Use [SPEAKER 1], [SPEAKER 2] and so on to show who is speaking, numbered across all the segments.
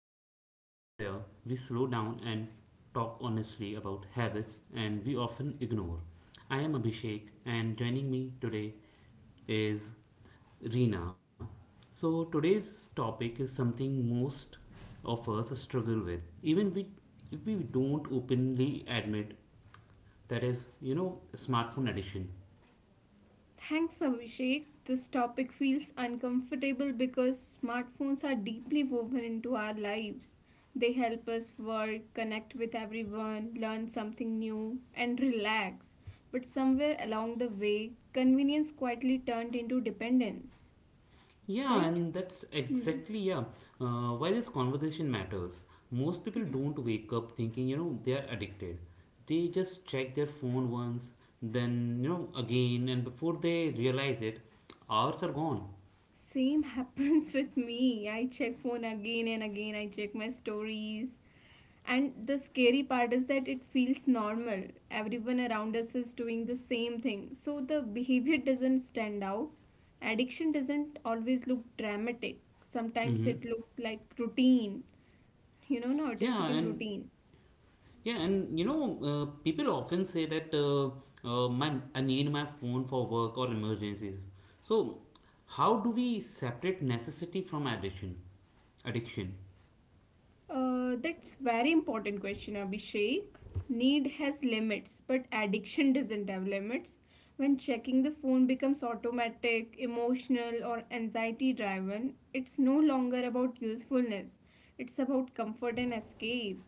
[SPEAKER 1] This is a space where we slow down and talk honestly about habits and we often ignore. I am Abhishek, and joining me today is Reena. So, today's topic is something most of us struggle with, even we, if we don't openly admit that is smartphone addiction.
[SPEAKER 2] Thanks, Abhishek. This topic feels uncomfortable because smartphones are deeply woven into our lives. They help us work, connect with everyone, learn something new, and relax. But somewhere along the way, convenience quietly turned into dependence,
[SPEAKER 1] Yeah,
[SPEAKER 2] right?
[SPEAKER 1] and that's
[SPEAKER 2] Hmm.
[SPEAKER 1] exactly, yeah, why this conversation matters. Most people
[SPEAKER 2] Hmm.
[SPEAKER 1] don't wake up thinking, they are addicted. They just check their phone once, then, again, and before they realize it, hours are gone.
[SPEAKER 2] Same happens with me. I check phone again and again. I check my stories. And the scary part is that it feels normal. Everyone around us is doing the same thing. So the behavior doesn't stand out. Addiction doesn't always look dramatic. Sometimes
[SPEAKER 1] Mm-hmm.
[SPEAKER 2] it looks like routine. You know, now it has
[SPEAKER 1] Yeah,
[SPEAKER 2] become
[SPEAKER 1] and
[SPEAKER 2] routine.
[SPEAKER 1] yeah, and you know, people often say that my I need my phone for work or emergencies. So, how do we separate necessity from addiction?
[SPEAKER 2] That's very important question, Abhishek. Need has limits, but addiction doesn't have limits. When checking the phone becomes automatic, emotional, or anxiety driven, it's no longer about usefulness. It's about comfort and escape.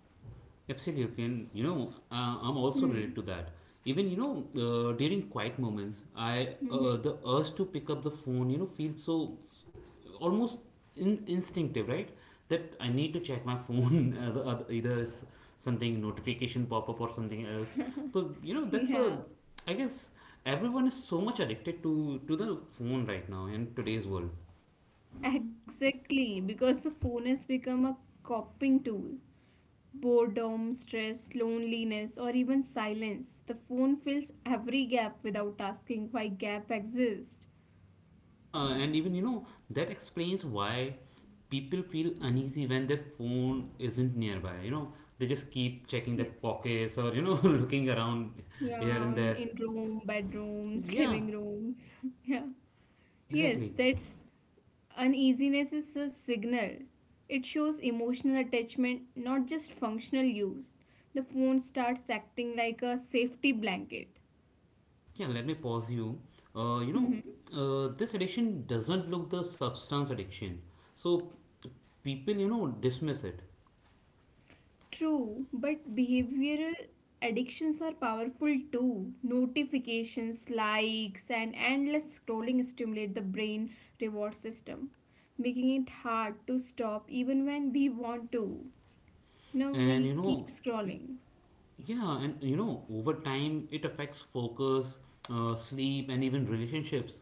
[SPEAKER 1] Absolutely, and I'm also
[SPEAKER 2] Hmm.
[SPEAKER 1] related to that. Even during quiet moments, I
[SPEAKER 2] Mhm.
[SPEAKER 1] the urge to pick up the phone, feels so almost instinctive, right? That I need to check my phone, either something notification pop up or something else. So that's a
[SPEAKER 2] Yeah,
[SPEAKER 1] I guess everyone is so much addicted to the phone right now in today's world.
[SPEAKER 2] exactly. Because the phone has become a coping tool. Boredom, stress, loneliness, or even silence. The phone fills every gap without asking why gap exists.
[SPEAKER 1] Yeah, and even that explains why people feel uneasy when their phone isn't nearby. They just keep checking their
[SPEAKER 2] Yes.
[SPEAKER 1] pockets or looking around
[SPEAKER 2] Yeah,
[SPEAKER 1] here and
[SPEAKER 2] on
[SPEAKER 1] there.
[SPEAKER 2] in room, bedrooms,
[SPEAKER 1] Yeah,
[SPEAKER 2] living rooms. Yeah. Yes,
[SPEAKER 1] exactly.
[SPEAKER 2] that's uneasiness is a signal. It shows emotional attachment, not just functional use. The phone starts acting like a safety blanket.
[SPEAKER 1] Yeah, let me pause you. Uh, you know, this addiction doesn't look the substance addiction. So people, dismiss it.
[SPEAKER 2] True, but behavioral addictions are powerful too. Notifications, likes, and endless scrolling stimulate the brain reward system, making it hard to stop even when we want to. You know,
[SPEAKER 1] And
[SPEAKER 2] we
[SPEAKER 1] you
[SPEAKER 2] keep
[SPEAKER 1] know,
[SPEAKER 2] scrolling.
[SPEAKER 1] yeah, and you know, over time it affects focus, sleep, and even relationships.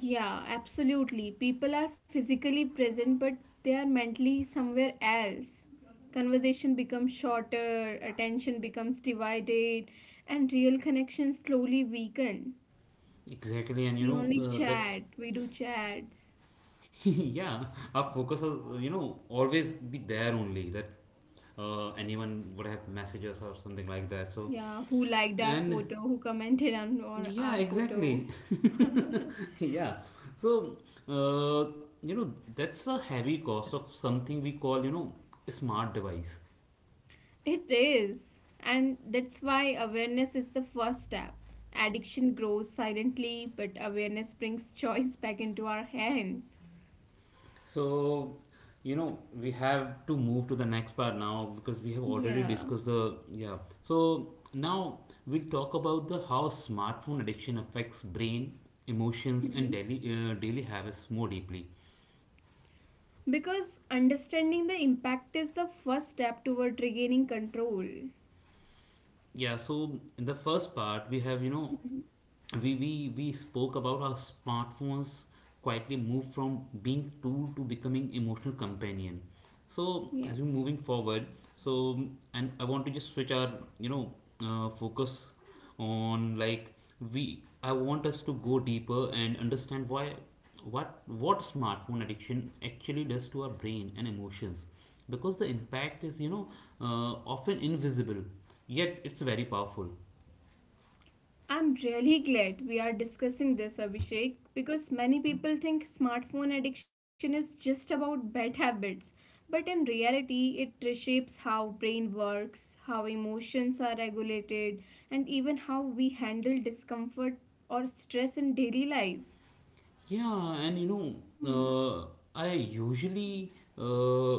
[SPEAKER 2] Yeah, absolutely. People are physically present, but they are mentally somewhere else. Conversation becomes shorter, attention becomes divided, and real connections slowly weaken.
[SPEAKER 1] Exactly, and
[SPEAKER 2] We only
[SPEAKER 1] that's
[SPEAKER 2] chat. We do chats.
[SPEAKER 1] yeah. Our focus, will, always be there only that anyone would have messages or something like that. So,
[SPEAKER 2] Yeah, who liked our
[SPEAKER 1] and
[SPEAKER 2] photo, who commented on our,
[SPEAKER 1] yeah,
[SPEAKER 2] our photo.
[SPEAKER 1] exactly, yeah. So uh, that's a heavy cost of something we call smart device.
[SPEAKER 2] It is. And that's why awareness is the first step. Addiction grows silently, but awareness brings choice back into our hands.
[SPEAKER 1] So, we have to move to the next part now because we have already
[SPEAKER 2] Yeah.
[SPEAKER 1] discussed the, yeah. So now we'll talk about the how smartphone addiction affects brain, emotions, and
[SPEAKER 2] Mhm.
[SPEAKER 1] daily habits more deeply.
[SPEAKER 2] Because understanding the impact is the first step toward regaining control.
[SPEAKER 1] Yeah, so in the first part, we have, you know, we spoke about how smartphones quietly move from being tool to becoming emotional companion. So as
[SPEAKER 2] Yeah.
[SPEAKER 1] we're moving forward, so and I want to just switch our, you know, focus on like we I want us to go deeper and understand why what smartphone addiction actually does to our brain and emotions because the impact is often invisible yet it's very powerful.
[SPEAKER 2] I'm really glad we are discussing this, Abhishek, because many people think smartphone addiction is just about bad habits. But in reality, it reshapes how brain works, how emotions are regulated, and even how we handle discomfort or stress in daily life.
[SPEAKER 1] Yeah, and
[SPEAKER 2] Hmm.
[SPEAKER 1] uh, I usually uh,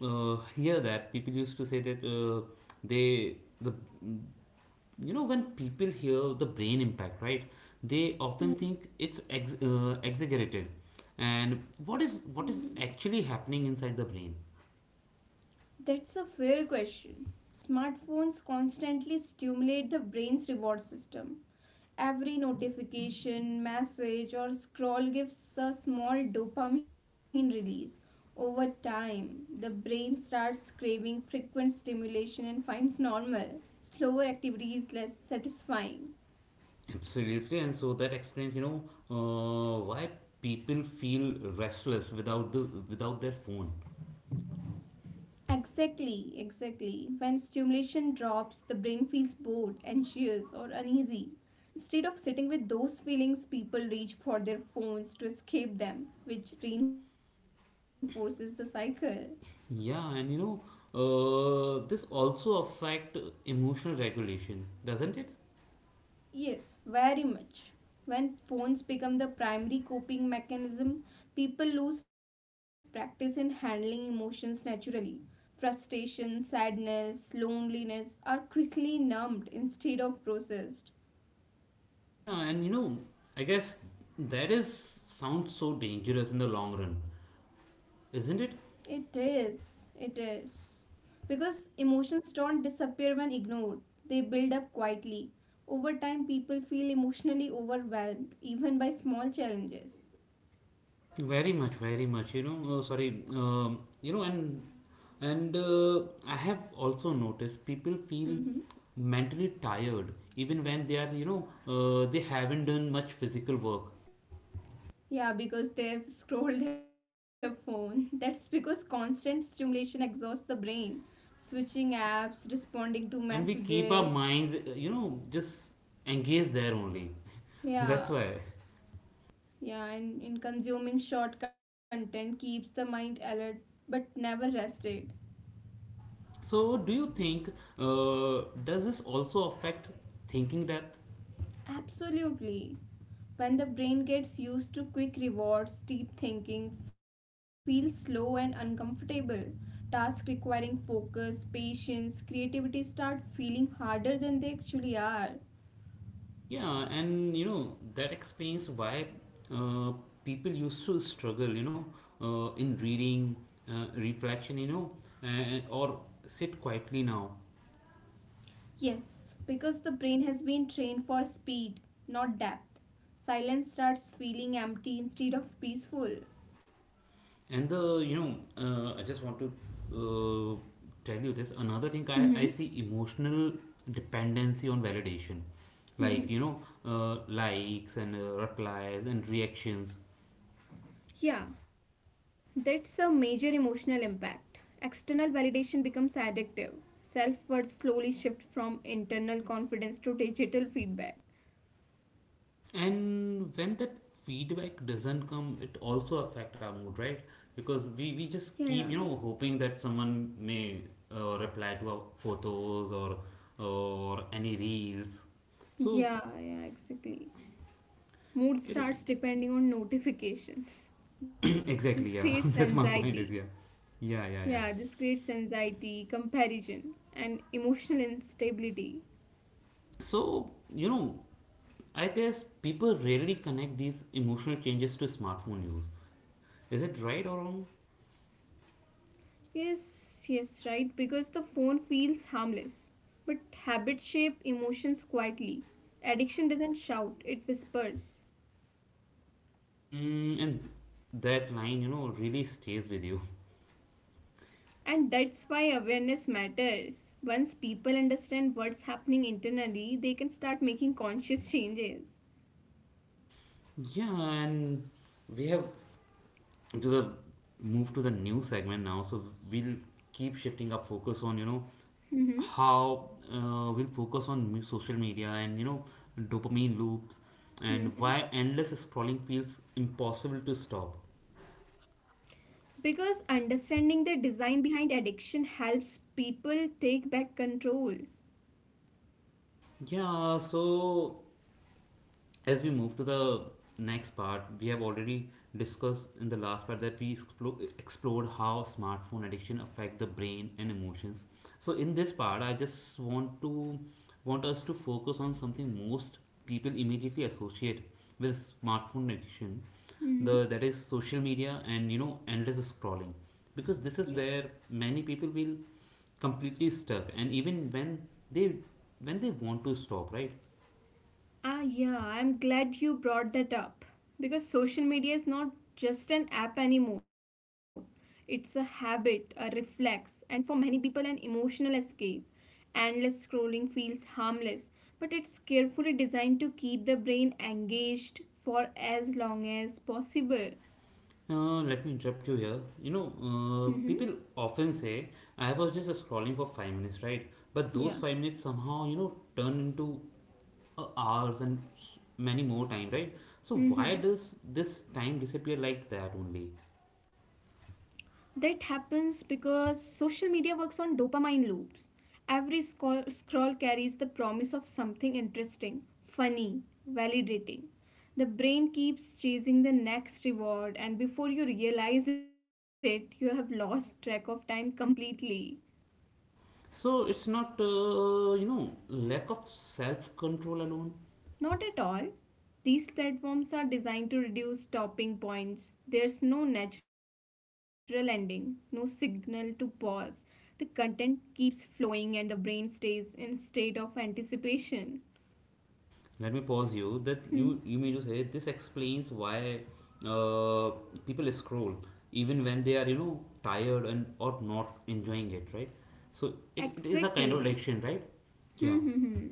[SPEAKER 1] uh, hear that people used to say that they the when people hear the brain impact, right? They often
[SPEAKER 2] Hmm.
[SPEAKER 1] think it's ex exaggerated, and what is
[SPEAKER 2] Hmm.
[SPEAKER 1] actually happening inside the brain?
[SPEAKER 2] That's a fair question. Smartphones constantly stimulate the brain's reward system. Every notification, message, or scroll gives a small dopamine release. Over time, the brain starts craving frequent stimulation and finds normal, slower activities less satisfying.
[SPEAKER 1] Absolutely, and so that explains, why people feel restless without the without their phone.
[SPEAKER 2] Exactly, exactly. When stimulation drops, the brain feels bored, anxious, or uneasy. Instead of sitting with those feelings, people reach for their phones to escape them, which reinforces the cycle.
[SPEAKER 1] Yeah, and this also affect emotional regulation, doesn't it?
[SPEAKER 2] Yes, very much. When phones become the primary coping mechanism, people lose practice in handling emotions naturally. Frustration, sadness, loneliness are quickly numbed instead of processed.
[SPEAKER 1] Yeah, and I guess that is sounds so dangerous in the long run, isn't it?
[SPEAKER 2] It is. It is. Because emotions don't disappear when ignored, they build up quietly. Over time, people feel emotionally overwhelmed, even by small challenges.
[SPEAKER 1] Very much, very much. You know, sorry. You know, and I have also noticed people feel
[SPEAKER 2] Mm-hmm.
[SPEAKER 1] mentally tired even when they are, they haven't done much physical work.
[SPEAKER 2] Yeah, because they've scrolled their phone. That's because constant stimulation exhausts the brain. Switching apps, responding to
[SPEAKER 1] And we keep
[SPEAKER 2] messages.
[SPEAKER 1] our minds just engaged there only. that's
[SPEAKER 2] Yeah,
[SPEAKER 1] why
[SPEAKER 2] yeah, and in consuming short content keeps the mind alert but never rested.
[SPEAKER 1] so do you think does this also affect thinking depth?
[SPEAKER 2] Absolutely. When the brain gets used to quick rewards, deep thinking feels slow and uncomfortable. Tasks requiring focus, patience, creativity start feeling harder than they actually are.
[SPEAKER 1] Yeah, and that explains why uh, people used to struggle, in reading, reflection, and, or sit quietly now.
[SPEAKER 2] Yes, because the brain has been trained for speed, not depth. Silence starts feeling empty instead of peaceful.
[SPEAKER 1] And the I just want to uh, tell you this. Another thing I see
[SPEAKER 2] Mm-hmm.
[SPEAKER 1] emotional dependency on validation, like
[SPEAKER 2] Mm-hmm.
[SPEAKER 1] likes and replies and reactions.
[SPEAKER 2] Yeah, that's a major emotional impact. External validation becomes addictive. Self worth slowly shifts from internal confidence to digital feedback.
[SPEAKER 1] And when that feedback doesn't come, it also affect our mood, right? Because we
[SPEAKER 2] Yeah,
[SPEAKER 1] just keep hoping that someone may reply to our photos or any reels. So
[SPEAKER 2] yeah, exactly. Mood
[SPEAKER 1] it
[SPEAKER 2] starts depending on notifications. This creates
[SPEAKER 1] exactly yeah. that's
[SPEAKER 2] anxiety.
[SPEAKER 1] my point, is yeah, yeah,
[SPEAKER 2] Yeah,
[SPEAKER 1] yeah,
[SPEAKER 2] this
[SPEAKER 1] yeah.
[SPEAKER 2] creates anxiety, comparison, and emotional instability.
[SPEAKER 1] So you know I guess people rarely connect these emotional changes to smartphone use. Is it right or wrong?
[SPEAKER 2] Yes, yes, right, because the phone feels harmless. But habits shape emotions quietly. Addiction doesn't shout, it whispers.
[SPEAKER 1] Mm, and that line really stays with you.
[SPEAKER 2] And that's why awareness matters. Once people understand what's happening internally, they can start making conscious changes.
[SPEAKER 1] yeah, and we have to the move to the new segment now, so we'll keep shifting our focus on
[SPEAKER 2] Mm-hmm.
[SPEAKER 1] how, we'll focus on social media and dopamine loops and
[SPEAKER 2] Mm-hmm.
[SPEAKER 1] why endless scrolling feels impossible to stop.
[SPEAKER 2] Because understanding the design behind addiction helps people take back control.
[SPEAKER 1] Yeah, so as we move to the next part, we have already discussed in the last part that we explored how smartphone addiction affect the brain and emotions. So in this part, I just want to want us to focus on something most people immediately associate with smartphone addiction,
[SPEAKER 2] Mm-hmm.
[SPEAKER 1] the that is social media and endless scrolling, because this is where many people will completely stuck, and even they when they want to stop, right?
[SPEAKER 2] Ah, yeah, I'm glad you brought that up because social media is not just an app anymore. It's a habit, a reflex, and for many people, an emotional escape. Endless scrolling feels harmless, but it's carefully designed to keep the brain engaged for as long as possible.
[SPEAKER 1] Let me interrupt you here.
[SPEAKER 2] Mm-hmm.
[SPEAKER 1] People often say, I was just scrolling for 5 minutes, right? But
[SPEAKER 2] Yeah.
[SPEAKER 1] those 5 minutes somehow, turn into hours and many more time, right? So,
[SPEAKER 2] Mm-hmm.
[SPEAKER 1] why does this time disappear like that only?
[SPEAKER 2] That happens because social media works on dopamine loops. Every scroll carries the promise of something interesting, funny, validating. The brain keeps chasing the next reward, and before you realize it, you have lost track of time completely.
[SPEAKER 1] So, it's not, lack of self control alone.
[SPEAKER 2] Not at all. These platforms are designed to reduce stopping points. There's no natural ending, no signal to pause. The content keeps flowing and the brain stays in a state of anticipation.
[SPEAKER 1] Let me pause you that you
[SPEAKER 2] Hmm.
[SPEAKER 1] you mean to say this explains why uh, people scroll even when they are, tired and or not enjoying it, right? So it is a
[SPEAKER 2] Exactly.
[SPEAKER 1] kind of addiction, right?
[SPEAKER 2] Hmm,
[SPEAKER 1] Yeah.
[SPEAKER 2] hmm, hmm.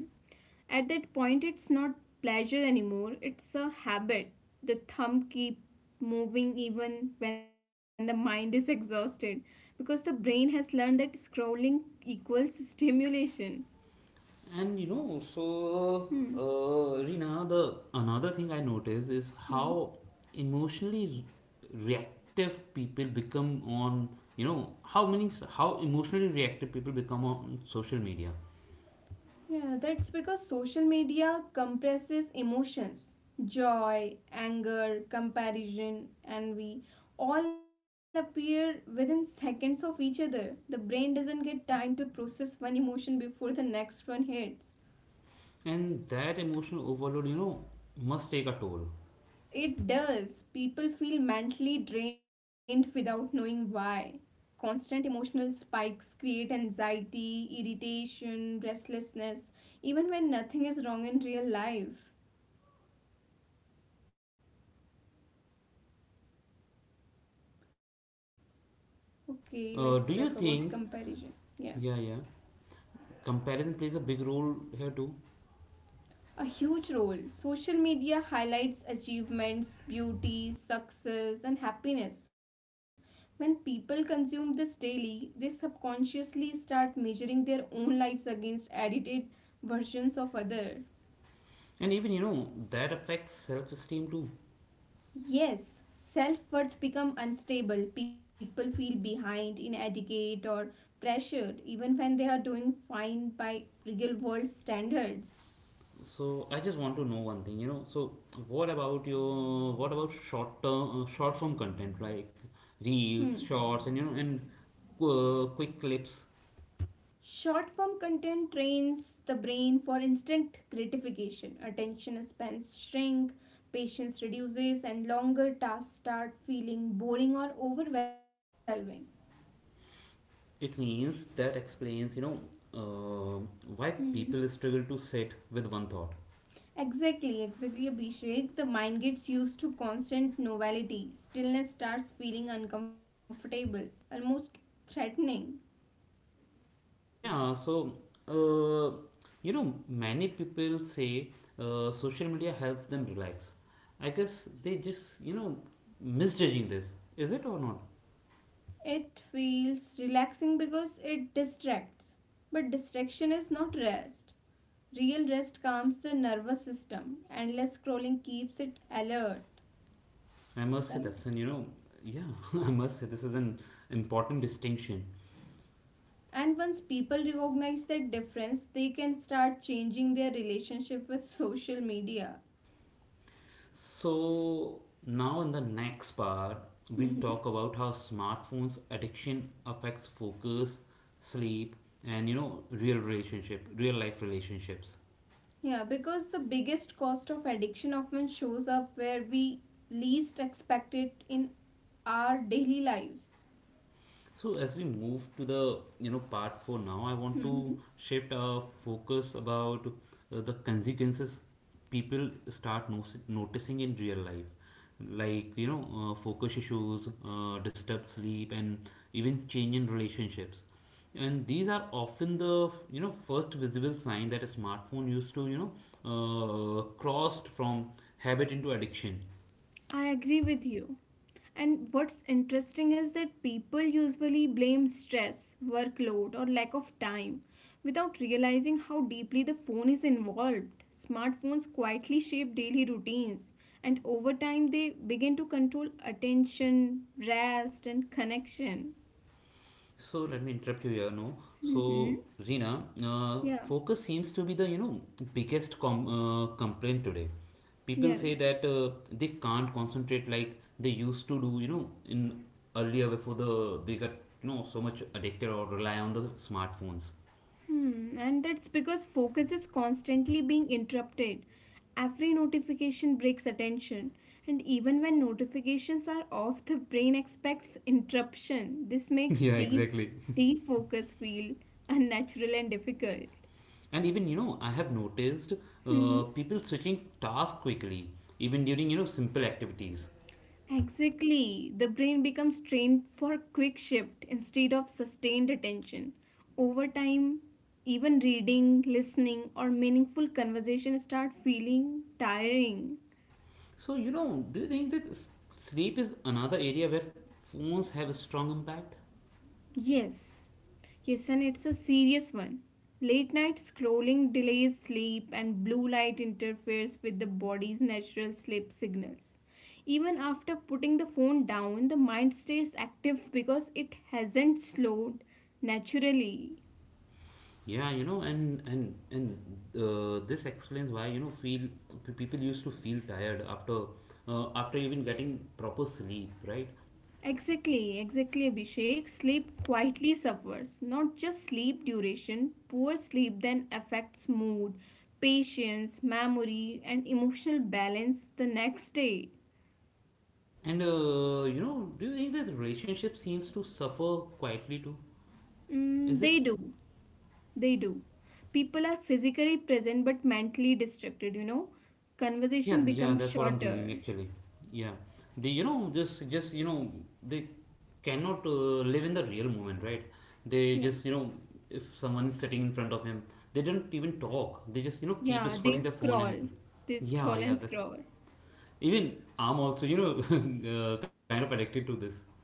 [SPEAKER 2] At that point, it's not pleasure anymore, it's a habit. The thumb keep moving even when the mind is exhausted because the brain has learned that scrolling equals stimulation.
[SPEAKER 1] And
[SPEAKER 2] Hmm.
[SPEAKER 1] Rina, the another thing I noticed is
[SPEAKER 2] Hmm.
[SPEAKER 1] how emotionally reactive people become on, you know how many how emotionally reactive people become on social media.
[SPEAKER 2] Yeah, that's because social media compresses emotions. Joy, anger, comparison, envy all appear within seconds of each other. The brain doesn't get time to process one emotion before the next one hits.
[SPEAKER 1] And that emotional overload, must take a toll.
[SPEAKER 2] It does. People feel mentally drained without knowing why. Constant emotional spikes create anxiety, irritation, restlessness, even when nothing is wrong in real life. Okay, let's talk about
[SPEAKER 1] Do you
[SPEAKER 2] comparison.
[SPEAKER 1] think,
[SPEAKER 2] Yeah.
[SPEAKER 1] yeah, yeah, comparison plays a big role here too?
[SPEAKER 2] A huge role. Social media highlights achievements, beauty, success, and happiness. When people consume this daily, they subconsciously start measuring their own lives against edited versions of other.
[SPEAKER 1] And even, that affects self esteem too.
[SPEAKER 2] Yes, self-worth become unstable. People feel behind in etiquette or pressured even when they are doing fine by real world standards.
[SPEAKER 1] So I just want to know one thing, So what about what about short form content like
[SPEAKER 2] Hmm.
[SPEAKER 1] reels, shorts, and quick clips?
[SPEAKER 2] Short form content trains the brain for instant gratification. Attention spans shrink, patience reduces, and longer tasks start feeling boring or overwhelming.
[SPEAKER 1] It means that explains, uh, why
[SPEAKER 2] Hmm.
[SPEAKER 1] people struggle to sit with one thought.
[SPEAKER 2] Exactly, exactly, Abhishek. The mind gets used to constant novelty. Stillness starts feeling uncomfortable, almost threatening.
[SPEAKER 1] Yeah, so uh, many people say social media helps them relax. I guess they just, misjudging this. Is it or not?
[SPEAKER 2] It feels relaxing because it distracts. But distraction is not rest. Real rest calms the nervous system. Endless scrolling keeps it alert,
[SPEAKER 1] I must say
[SPEAKER 2] right?
[SPEAKER 1] that's an, yeah, I must say this is an important distinction.
[SPEAKER 2] And once people recognize that difference, they can start changing their relationship with social media.
[SPEAKER 1] So now in the next part, we'll
[SPEAKER 2] Mhm.
[SPEAKER 1] talk about how smartphones addiction affects focus, sleep, and real relationship, real life relationships.
[SPEAKER 2] Yeah, because the biggest cost of addiction often shows up where we least expect it in our daily lives.
[SPEAKER 1] So as we move to the part four now, I want to
[SPEAKER 2] Mhm.
[SPEAKER 1] shift our focus about the consequences people start noticing in real life, like focus issues, disturbed sleep, and even change in relationships. And these are often the first visible sign that a smartphone used to crossed from habit into addiction.
[SPEAKER 2] I agree with you. And what's interesting is that people usually blame stress, workload, or lack of time without realizing how deeply the phone is involved. Smartphones quietly shape daily routines, and over time, they begin to control attention, rest, and connection.
[SPEAKER 1] So let me interrupt you here. No,
[SPEAKER 2] Mm-hmm.
[SPEAKER 1] so Rina,
[SPEAKER 2] Yeah,
[SPEAKER 1] focus seems to be the biggest complaint today. People
[SPEAKER 2] yeah,
[SPEAKER 1] say
[SPEAKER 2] right.
[SPEAKER 1] that they can't concentrate like they used to do. In earlier before they got so much addicted or rely on the smartphones.
[SPEAKER 2] Hmm, and that's because focus is constantly being interrupted. Every notification breaks attention, and even when notifications are off, the brain expects interruption. This makes
[SPEAKER 1] yeah,
[SPEAKER 2] deep,
[SPEAKER 1] exactly.
[SPEAKER 2] deep focus feel unnatural and difficult.
[SPEAKER 1] And even I have noticed
[SPEAKER 2] Mhm.
[SPEAKER 1] people switching tasks quickly, even during simple activities.
[SPEAKER 2] Exactly. The brain becomes trained for quick shift instead of sustained attention. Over time, even reading, listening, or meaningful conversation start feeling tiring.
[SPEAKER 1] So, do you think that sleep is another area where phones have a strong impact?
[SPEAKER 2] Yes, yes, and it's a serious one. Late night scrolling delays sleep, and blue light interferes with the body's natural sleep signals. Even after putting the phone down, the mind stays active because it hasn't slowed naturally.
[SPEAKER 1] Yeah, and this explains why people used to feel tired after after even getting proper sleep, right?
[SPEAKER 2] Exactly, exactly, Abhishek. Sleep quietly suffers. Not just sleep duration, poor sleep then affects mood, patience, memory, and emotional balance the next day.
[SPEAKER 1] And do you think that relationship seems to suffer quietly too? Is
[SPEAKER 2] Mm,
[SPEAKER 1] it?
[SPEAKER 2] they do. They do. People are physically present but mentally distracted, you know.
[SPEAKER 1] Yeah,
[SPEAKER 2] Conversation
[SPEAKER 1] yeah,
[SPEAKER 2] becomes
[SPEAKER 1] that's what I'm thinking
[SPEAKER 2] shorter.
[SPEAKER 1] actually. Yeah, they, you know just you know they cannot live in the real moment, right? They
[SPEAKER 2] Yeah.
[SPEAKER 1] just if someone is sitting in front of him, they don't even talk. They just keep
[SPEAKER 2] Yeah, they
[SPEAKER 1] scrolling their phone and
[SPEAKER 2] scroll. They
[SPEAKER 1] yeah,
[SPEAKER 2] scroll
[SPEAKER 1] yeah,
[SPEAKER 2] and
[SPEAKER 1] that's
[SPEAKER 2] scroll.
[SPEAKER 1] even I'm also you know kind of addicted to this.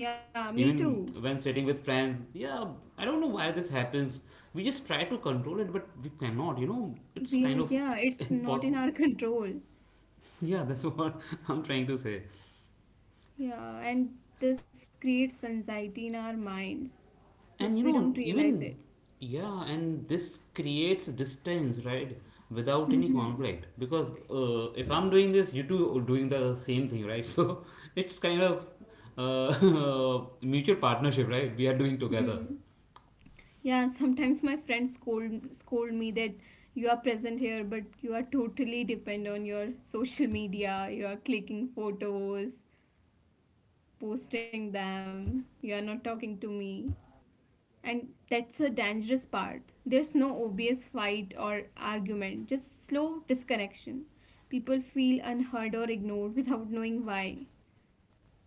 [SPEAKER 2] Yeah, me
[SPEAKER 1] even
[SPEAKER 2] too.
[SPEAKER 1] when sitting with friends, yeah, I don't know why this happens. We just try to control it, but we cannot. It's
[SPEAKER 2] We are,
[SPEAKER 1] kind of
[SPEAKER 2] yeah, it's not in
[SPEAKER 1] impossible.
[SPEAKER 2] our control.
[SPEAKER 1] Yeah, that's what I'm trying to say.
[SPEAKER 2] Yeah, and this creates anxiety in our minds, but we
[SPEAKER 1] And you
[SPEAKER 2] don't
[SPEAKER 1] know,
[SPEAKER 2] realize it.
[SPEAKER 1] even yeah, and this creates distance, right? Without any
[SPEAKER 2] Hmm.
[SPEAKER 1] conflict, because if I'm doing this, you two are doing the same thing, right? So it's kind of mutual partnership, right? We are doing together.
[SPEAKER 2] Yeah, sometimes my friends scold me that you are present here, but you are totally depend on your social media. You are clicking photos, posting them. You are not talking to me, and that's a dangerous part. There's no obvious fight or argument, just slow disconnection. People feel unheard or ignored without knowing why.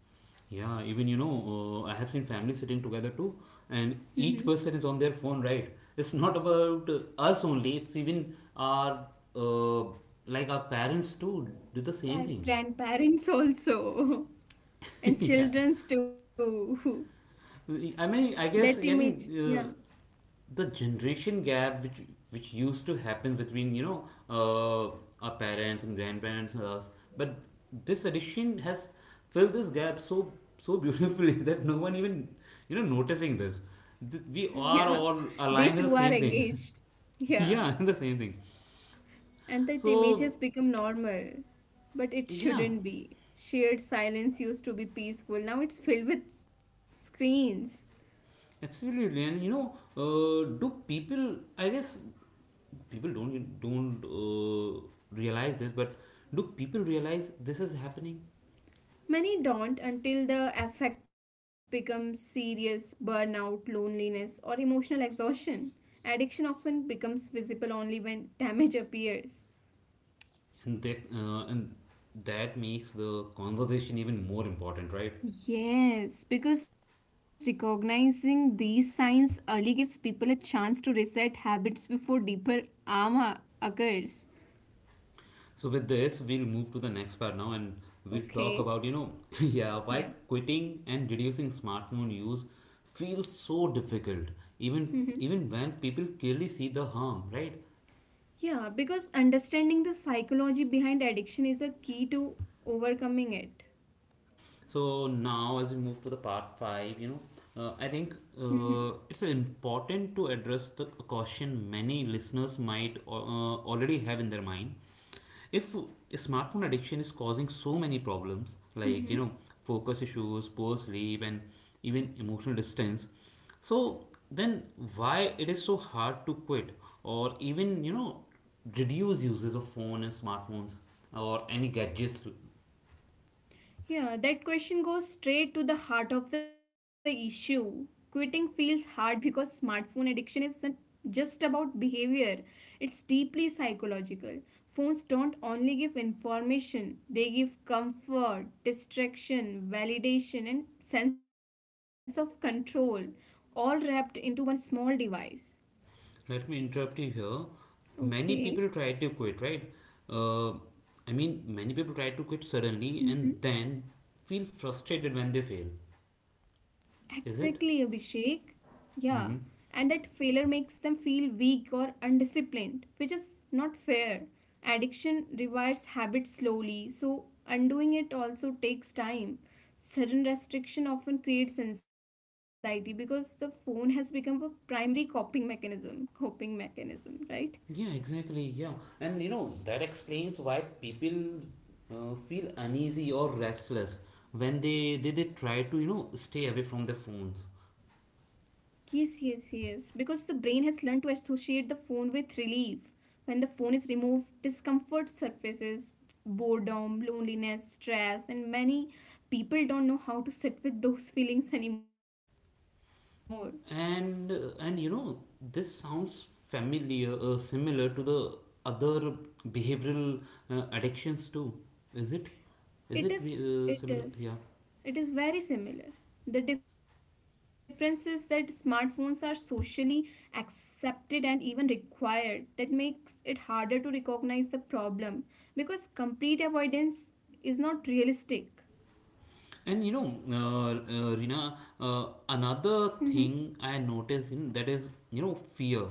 [SPEAKER 1] Yeah, even I have seen families sitting together too, and each
[SPEAKER 2] Mhm.
[SPEAKER 1] person is on their phone, right? It's not about us only, it's even our uh, like our parents too do the same
[SPEAKER 2] Pa-
[SPEAKER 1] thing.
[SPEAKER 2] Grandparents also, and
[SPEAKER 1] yeah.
[SPEAKER 2] childrens too. That image,
[SPEAKER 1] I think,
[SPEAKER 2] yeah.
[SPEAKER 1] the generation gap which used to happen between, our parents and grandparents and us, but this addiction has filled this gap so beautifully that no one even, you know, noticing this. We
[SPEAKER 2] Yeah,
[SPEAKER 1] are all
[SPEAKER 2] they too
[SPEAKER 1] aligned in
[SPEAKER 2] are
[SPEAKER 1] the same thing.
[SPEAKER 2] engaged. Yeah,
[SPEAKER 1] Yeah, the same thing.
[SPEAKER 2] and that image has
[SPEAKER 1] So,
[SPEAKER 2] become normal. But it
[SPEAKER 1] yeah,
[SPEAKER 2] shouldn't be. Shared silence used to be peaceful, now it's filled with screens.
[SPEAKER 1] absolutely. And you know, do people, I guess, people don't realize this, but do people realize this is happening?
[SPEAKER 2] Many don't until the effect becomes serious burnout, loneliness, or emotional exhaustion. Addiction often becomes visible only when damage appears.
[SPEAKER 1] And that makes the conversation even more important, right?
[SPEAKER 2] Yes, because recognizing these signs early gives people a chance to reset habits before deeper harm occurs.
[SPEAKER 1] So with this, we'll move to the next part now, and we'll talk
[SPEAKER 2] Okay.
[SPEAKER 1] about, you know, yeah, why
[SPEAKER 2] Yeah.
[SPEAKER 1] quitting and reducing smartphone use feels so difficult, even
[SPEAKER 2] Mm-hmm.
[SPEAKER 1] even when people clearly see the harm, right?
[SPEAKER 2] Yeah, because understanding the psychology behind addiction is a key to overcoming it.
[SPEAKER 1] So now, as we move to the part five, you know, I
[SPEAKER 2] Mm-hmm.
[SPEAKER 1] think it's important to address the caution many listeners might already have in their mind. If smartphone addiction is causing so many problems, like, you know, focus issues, poor sleep, and even emotional distance, so then why it is so hard to quit, or even, you know, reduce uses of phone and smartphones or any gadgets?
[SPEAKER 2] Yeah, that question goes straight to the heart of the issue. Quitting feels hard because smartphone addiction isn't just about behavior, it's deeply psychological. Phones don't only give information, they give comfort, distraction, validation, and sense of control, all wrapped into one small device.
[SPEAKER 1] Let me interrupt you here. Many
[SPEAKER 2] Okay.
[SPEAKER 1] people try to quit, right? Uh, Many people try to quit suddenly
[SPEAKER 2] Mm-hmm.
[SPEAKER 1] and then feel frustrated when they fail.
[SPEAKER 2] Exactly,
[SPEAKER 1] Is
[SPEAKER 2] Abhishek.
[SPEAKER 1] it?
[SPEAKER 2] Yeah, and
[SPEAKER 1] Mm-hmm.
[SPEAKER 2] that failure makes them feel weak or undisciplined, which is not fair. Addiction rewires habits slowly, so undoing it also takes time. Sudden restriction often creates anxiety because the phone has become a primary coping mechanism, right?
[SPEAKER 1] Yeah, exactly. Yeah. And you know, that explains why people feel uneasy or restless when they try to, you know, stay away from their phones.
[SPEAKER 2] Yes, yes, yes. Because the brain has learned to associate the phone with relief. When the phone is removed, discomfort surfaces, boredom, loneliness, stress, and many people don't know how to sit with those feelings anymore.
[SPEAKER 1] And you know, this sounds familiar, similar to the other behavioral addictions too. Is it? is
[SPEAKER 2] It
[SPEAKER 1] it we-
[SPEAKER 2] is,
[SPEAKER 1] uh,
[SPEAKER 2] it
[SPEAKER 1] similar? Yeah.
[SPEAKER 2] is, it is very similar. The difference is that smartphones are socially accepted and even required. That makes it harder to recognize the problem because complete avoidance is not realistic.
[SPEAKER 1] And you know, Rina,
[SPEAKER 2] Mhm.
[SPEAKER 1] another thing I noticed in that is, you know, fear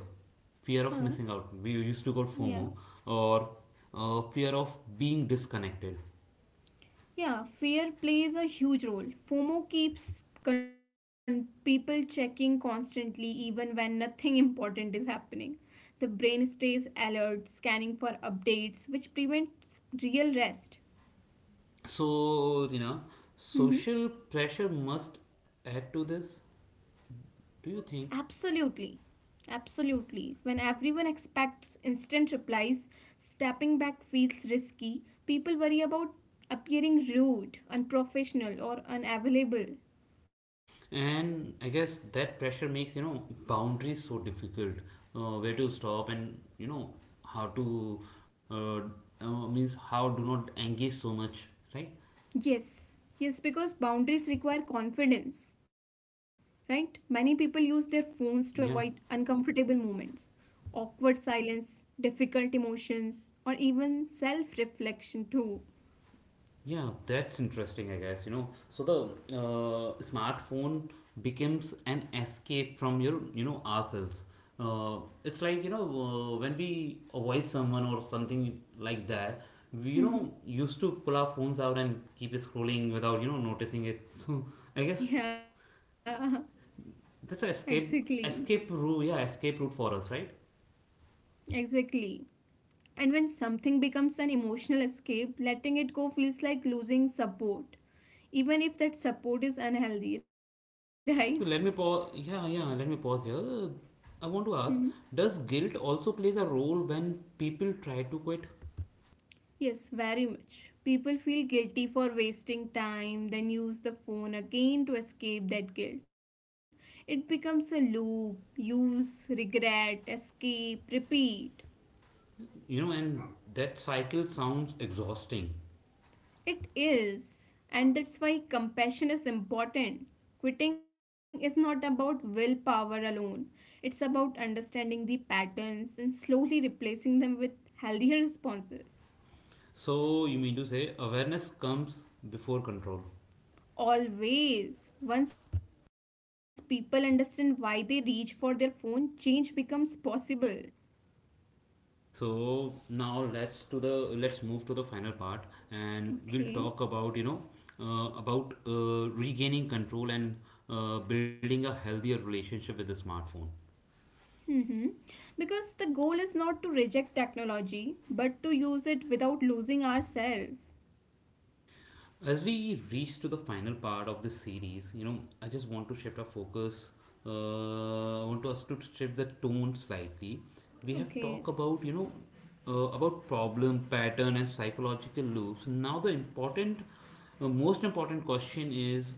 [SPEAKER 1] fear
[SPEAKER 2] Huh?
[SPEAKER 1] of missing out, we used to call
[SPEAKER 2] Yeah.
[SPEAKER 1] FOMO, or fear of being disconnected.
[SPEAKER 2] Yeah, fear plays a huge role. FOMO people checking constantly, even when nothing important is happening. The brain stays alert, scanning for updates, which prevents real rest.
[SPEAKER 1] So, you know,
[SPEAKER 2] Mm-hmm.
[SPEAKER 1] social pressure must add to this, do you
[SPEAKER 2] Absolutely.
[SPEAKER 1] think?
[SPEAKER 2] Absolutely. When everyone expects instant replies, stepping back feels risky. People worry about appearing rude, unprofessional, or unavailable.
[SPEAKER 1] And I guess that pressure makes, you know, boundaries so difficult. Where to stop and, you know, how to, uh, means how do not engage so much, right?
[SPEAKER 2] Yes, yes, because boundaries require confidence, right? Many people use their phones to avoid
[SPEAKER 1] Yeah.
[SPEAKER 2] uncomfortable moments, awkward silence, difficult emotions, or even self reflection, too.
[SPEAKER 1] Yeah, that's interesting, I guess, you know. So the smartphone becomes an escape from your, you know, ourselves. Uh, it's like, you know, when we avoid someone or something like that, we, you
[SPEAKER 2] Mhm.
[SPEAKER 1] know, used to pull our phones out and keep scrolling without, you know, noticing it. So I guess
[SPEAKER 2] Yeah,
[SPEAKER 1] that's an
[SPEAKER 2] exactly.
[SPEAKER 1] escape, escape route, yeah, escape route for us, right?
[SPEAKER 2] Exactly. And when something becomes an emotional escape, letting it go feels like losing support, even if that support is unhealthy,
[SPEAKER 1] So let me pause. Yeah, yeah, let me pause here. I
[SPEAKER 2] right?
[SPEAKER 1] want to ask, does guilt also plays a role when people try to quit?
[SPEAKER 2] Yes, very much. People feel guilty for wasting time, then use the phone again to escape that guilt. It becomes a loop use, regret, escape, repeat.
[SPEAKER 1] You know, and that cycle sounds exhausting.
[SPEAKER 2] It is. And that's why compassion is important. Quitting is not about willpower alone, it's about understanding the patterns and slowly replacing them with healthier responses.
[SPEAKER 1] So you mean to say awareness comes before control.
[SPEAKER 2] Always. Once people understand why they reach for their phone, change becomes possible.
[SPEAKER 1] So now let's move to the final part, and we'll
[SPEAKER 2] Okay.
[SPEAKER 1] talk about, you know, about regaining control and building a healthier relationship with the smartphone.
[SPEAKER 2] Mm-hmm. Because the goal is not to reject technology, but to use it without losing ourselves.
[SPEAKER 1] As we reach to the final part of this series, you know, I just want to shift our focus. I want us to shift the tone slightly. We have
[SPEAKER 2] Okay.
[SPEAKER 1] talked about, you know, about problem pattern and psychological loops. Now the important, most important question is,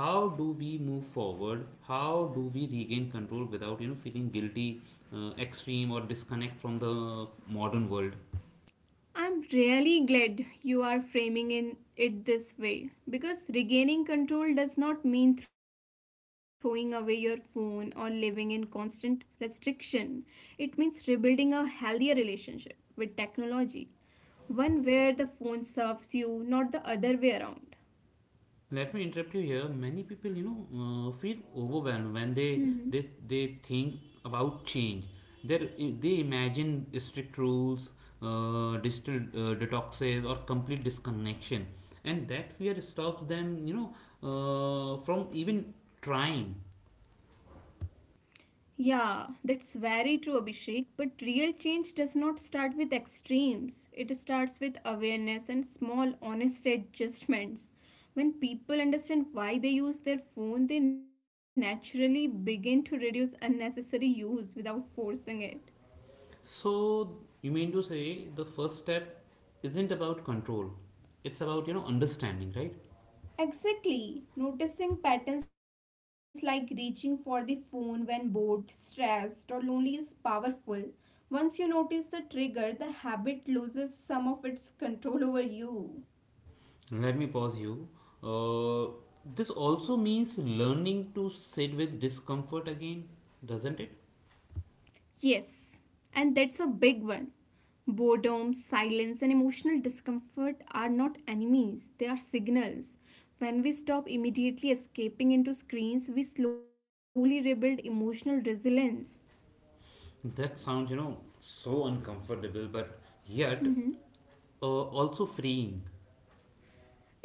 [SPEAKER 1] how do we move forward? How do we regain control without, you know, feeling guilty, extreme, or disconnect from the modern world?
[SPEAKER 2] I'm really glad you are framing in it this way because regaining control does not mean throwing away your phone or living in constant restriction. It means rebuilding a healthier relationship with technology. One where the phone serves you, not the other way around.
[SPEAKER 1] Let me interrupt you here. Many people, you know, feel
[SPEAKER 2] Hmm.
[SPEAKER 1] overwhelmed when they think about change. They they imagine strict rules, digital detoxes, or complete disconnection, and that fear stops them, you know, from even trying.
[SPEAKER 2] Yeah, that's very true, Abhishek. But real change does not start with extremes. It starts with awareness and small, honest adjustments. When people understand why they use their phone, they naturally begin to reduce unnecessary use without forcing it.
[SPEAKER 1] So you mean to say the first step isn't about control; it's about, you know, understanding, right?
[SPEAKER 2] Exactly. Noticing patterns like reaching for the phone when bored, stressed, or lonely is powerful. Once you notice the trigger, the habit loses some of its control over you.
[SPEAKER 1] Let me pause you. Uh, this also means learning to sit with discomfort again, doesn't it?
[SPEAKER 2] Yes, and that's a big one. Boredom, silence, and emotional discomfort are not enemies, they are signals. When we stop immediately escaping into screens, we slowly rebuild emotional resilience.
[SPEAKER 1] That sounds, you know, so uncomfortable, but yet also freeing.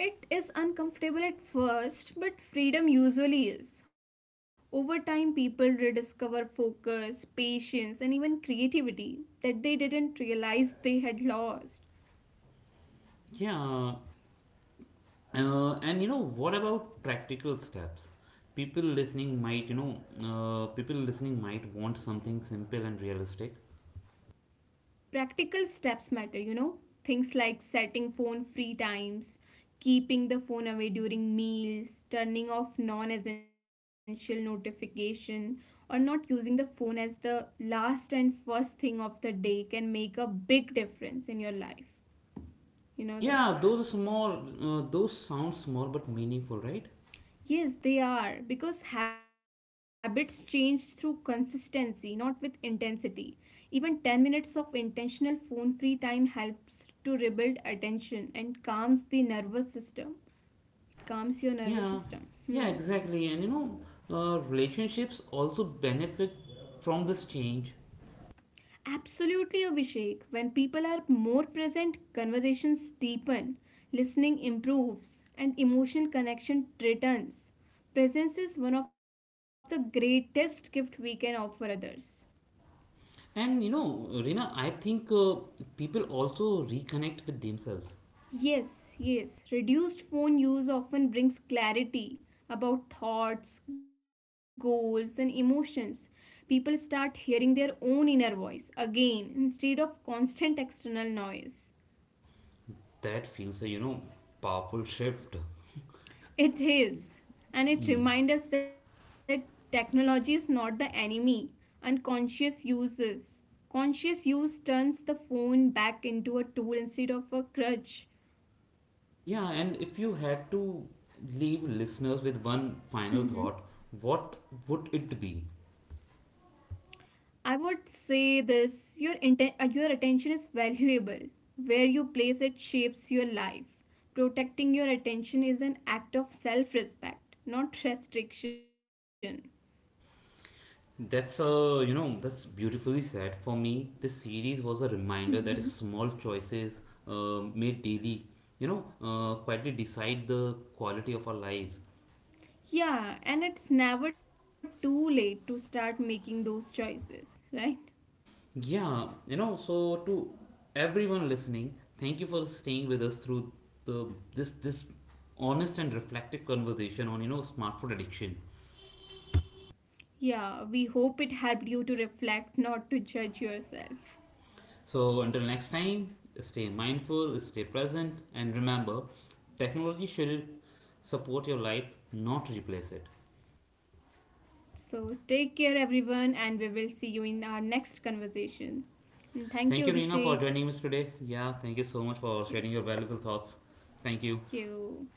[SPEAKER 2] It is uncomfortable at first, but freedom usually is. Over time, people rediscover focus, patience, and even creativity that they didn't realize they had lost.
[SPEAKER 1] Yeah. And you know, what about practical steps? People listening might, you know, people listening might want something simple and realistic.
[SPEAKER 2] Practical steps matter, you know? Things like setting phone free times, keeping the phone away during meals, turning off non essential notification, or not using the phone as the last and first thing of the day can make a big difference in your life. You know that?
[SPEAKER 1] Yeah, those are small, those sound small but meaningful, right?
[SPEAKER 2] Yes, they are, because habits change through consistency, not with intensity. Even 10 minutes of intentional phone free time helps to rebuild attention and calms the nervous system. It calms your nervous
[SPEAKER 1] Yeah,
[SPEAKER 2] system.
[SPEAKER 1] yeah,
[SPEAKER 2] Hmm.
[SPEAKER 1] exactly. And you know, relationships also benefit from this change.
[SPEAKER 2] Absolutely, Abhishek. When people are more present, conversations deepen, listening improves, and emotional connection returns. Presence is one of the greatest gift we can offer others.
[SPEAKER 1] And you know, Rina, I think people also reconnect with themselves.
[SPEAKER 2] Yes, yes. Reduced phone use often brings clarity about thoughts, goals, and emotions. People start hearing their own inner voice again instead of constant external noise.
[SPEAKER 1] That feels a, you know, powerful shift.
[SPEAKER 2] It is, and it reminds us that technology is not the enemy. Unconscious uses. Conscious use turns the phone back into a tool instead of a crutch.
[SPEAKER 1] Yeah, and if you had to leave listeners with one final thought, what would it be?
[SPEAKER 2] I would say this, your attention is valuable. Where you place it shapes your life. Protecting your attention is an act of self respect, not restriction.
[SPEAKER 1] That's you know, that's beautifully said. For me, this series was a reminder that
[SPEAKER 2] Hmm.
[SPEAKER 1] small choices made daily, you know, quietly decide the quality of our lives.
[SPEAKER 2] Yeah, and it's never too late to start making those choices, right?
[SPEAKER 1] Yeah, you know, so to everyone listening, thank you for staying with us through the this honest and reflective conversation on, you know, smartphone addiction.
[SPEAKER 2] Yeah, we hope it helped you to reflect, not to judge yourself.
[SPEAKER 1] So until next time, stay mindful, stay present, and remember, technology should support your life, not replace it.
[SPEAKER 2] So take care, everyone, and we will see you in our next conversation. And thank you,
[SPEAKER 1] Thank you,
[SPEAKER 2] Abhishek.
[SPEAKER 1] Reena, for joining us today. Yeah, thank you so much
[SPEAKER 2] Thank you.
[SPEAKER 1] for sharing your valuable thoughts. Thank you.
[SPEAKER 2] Thank you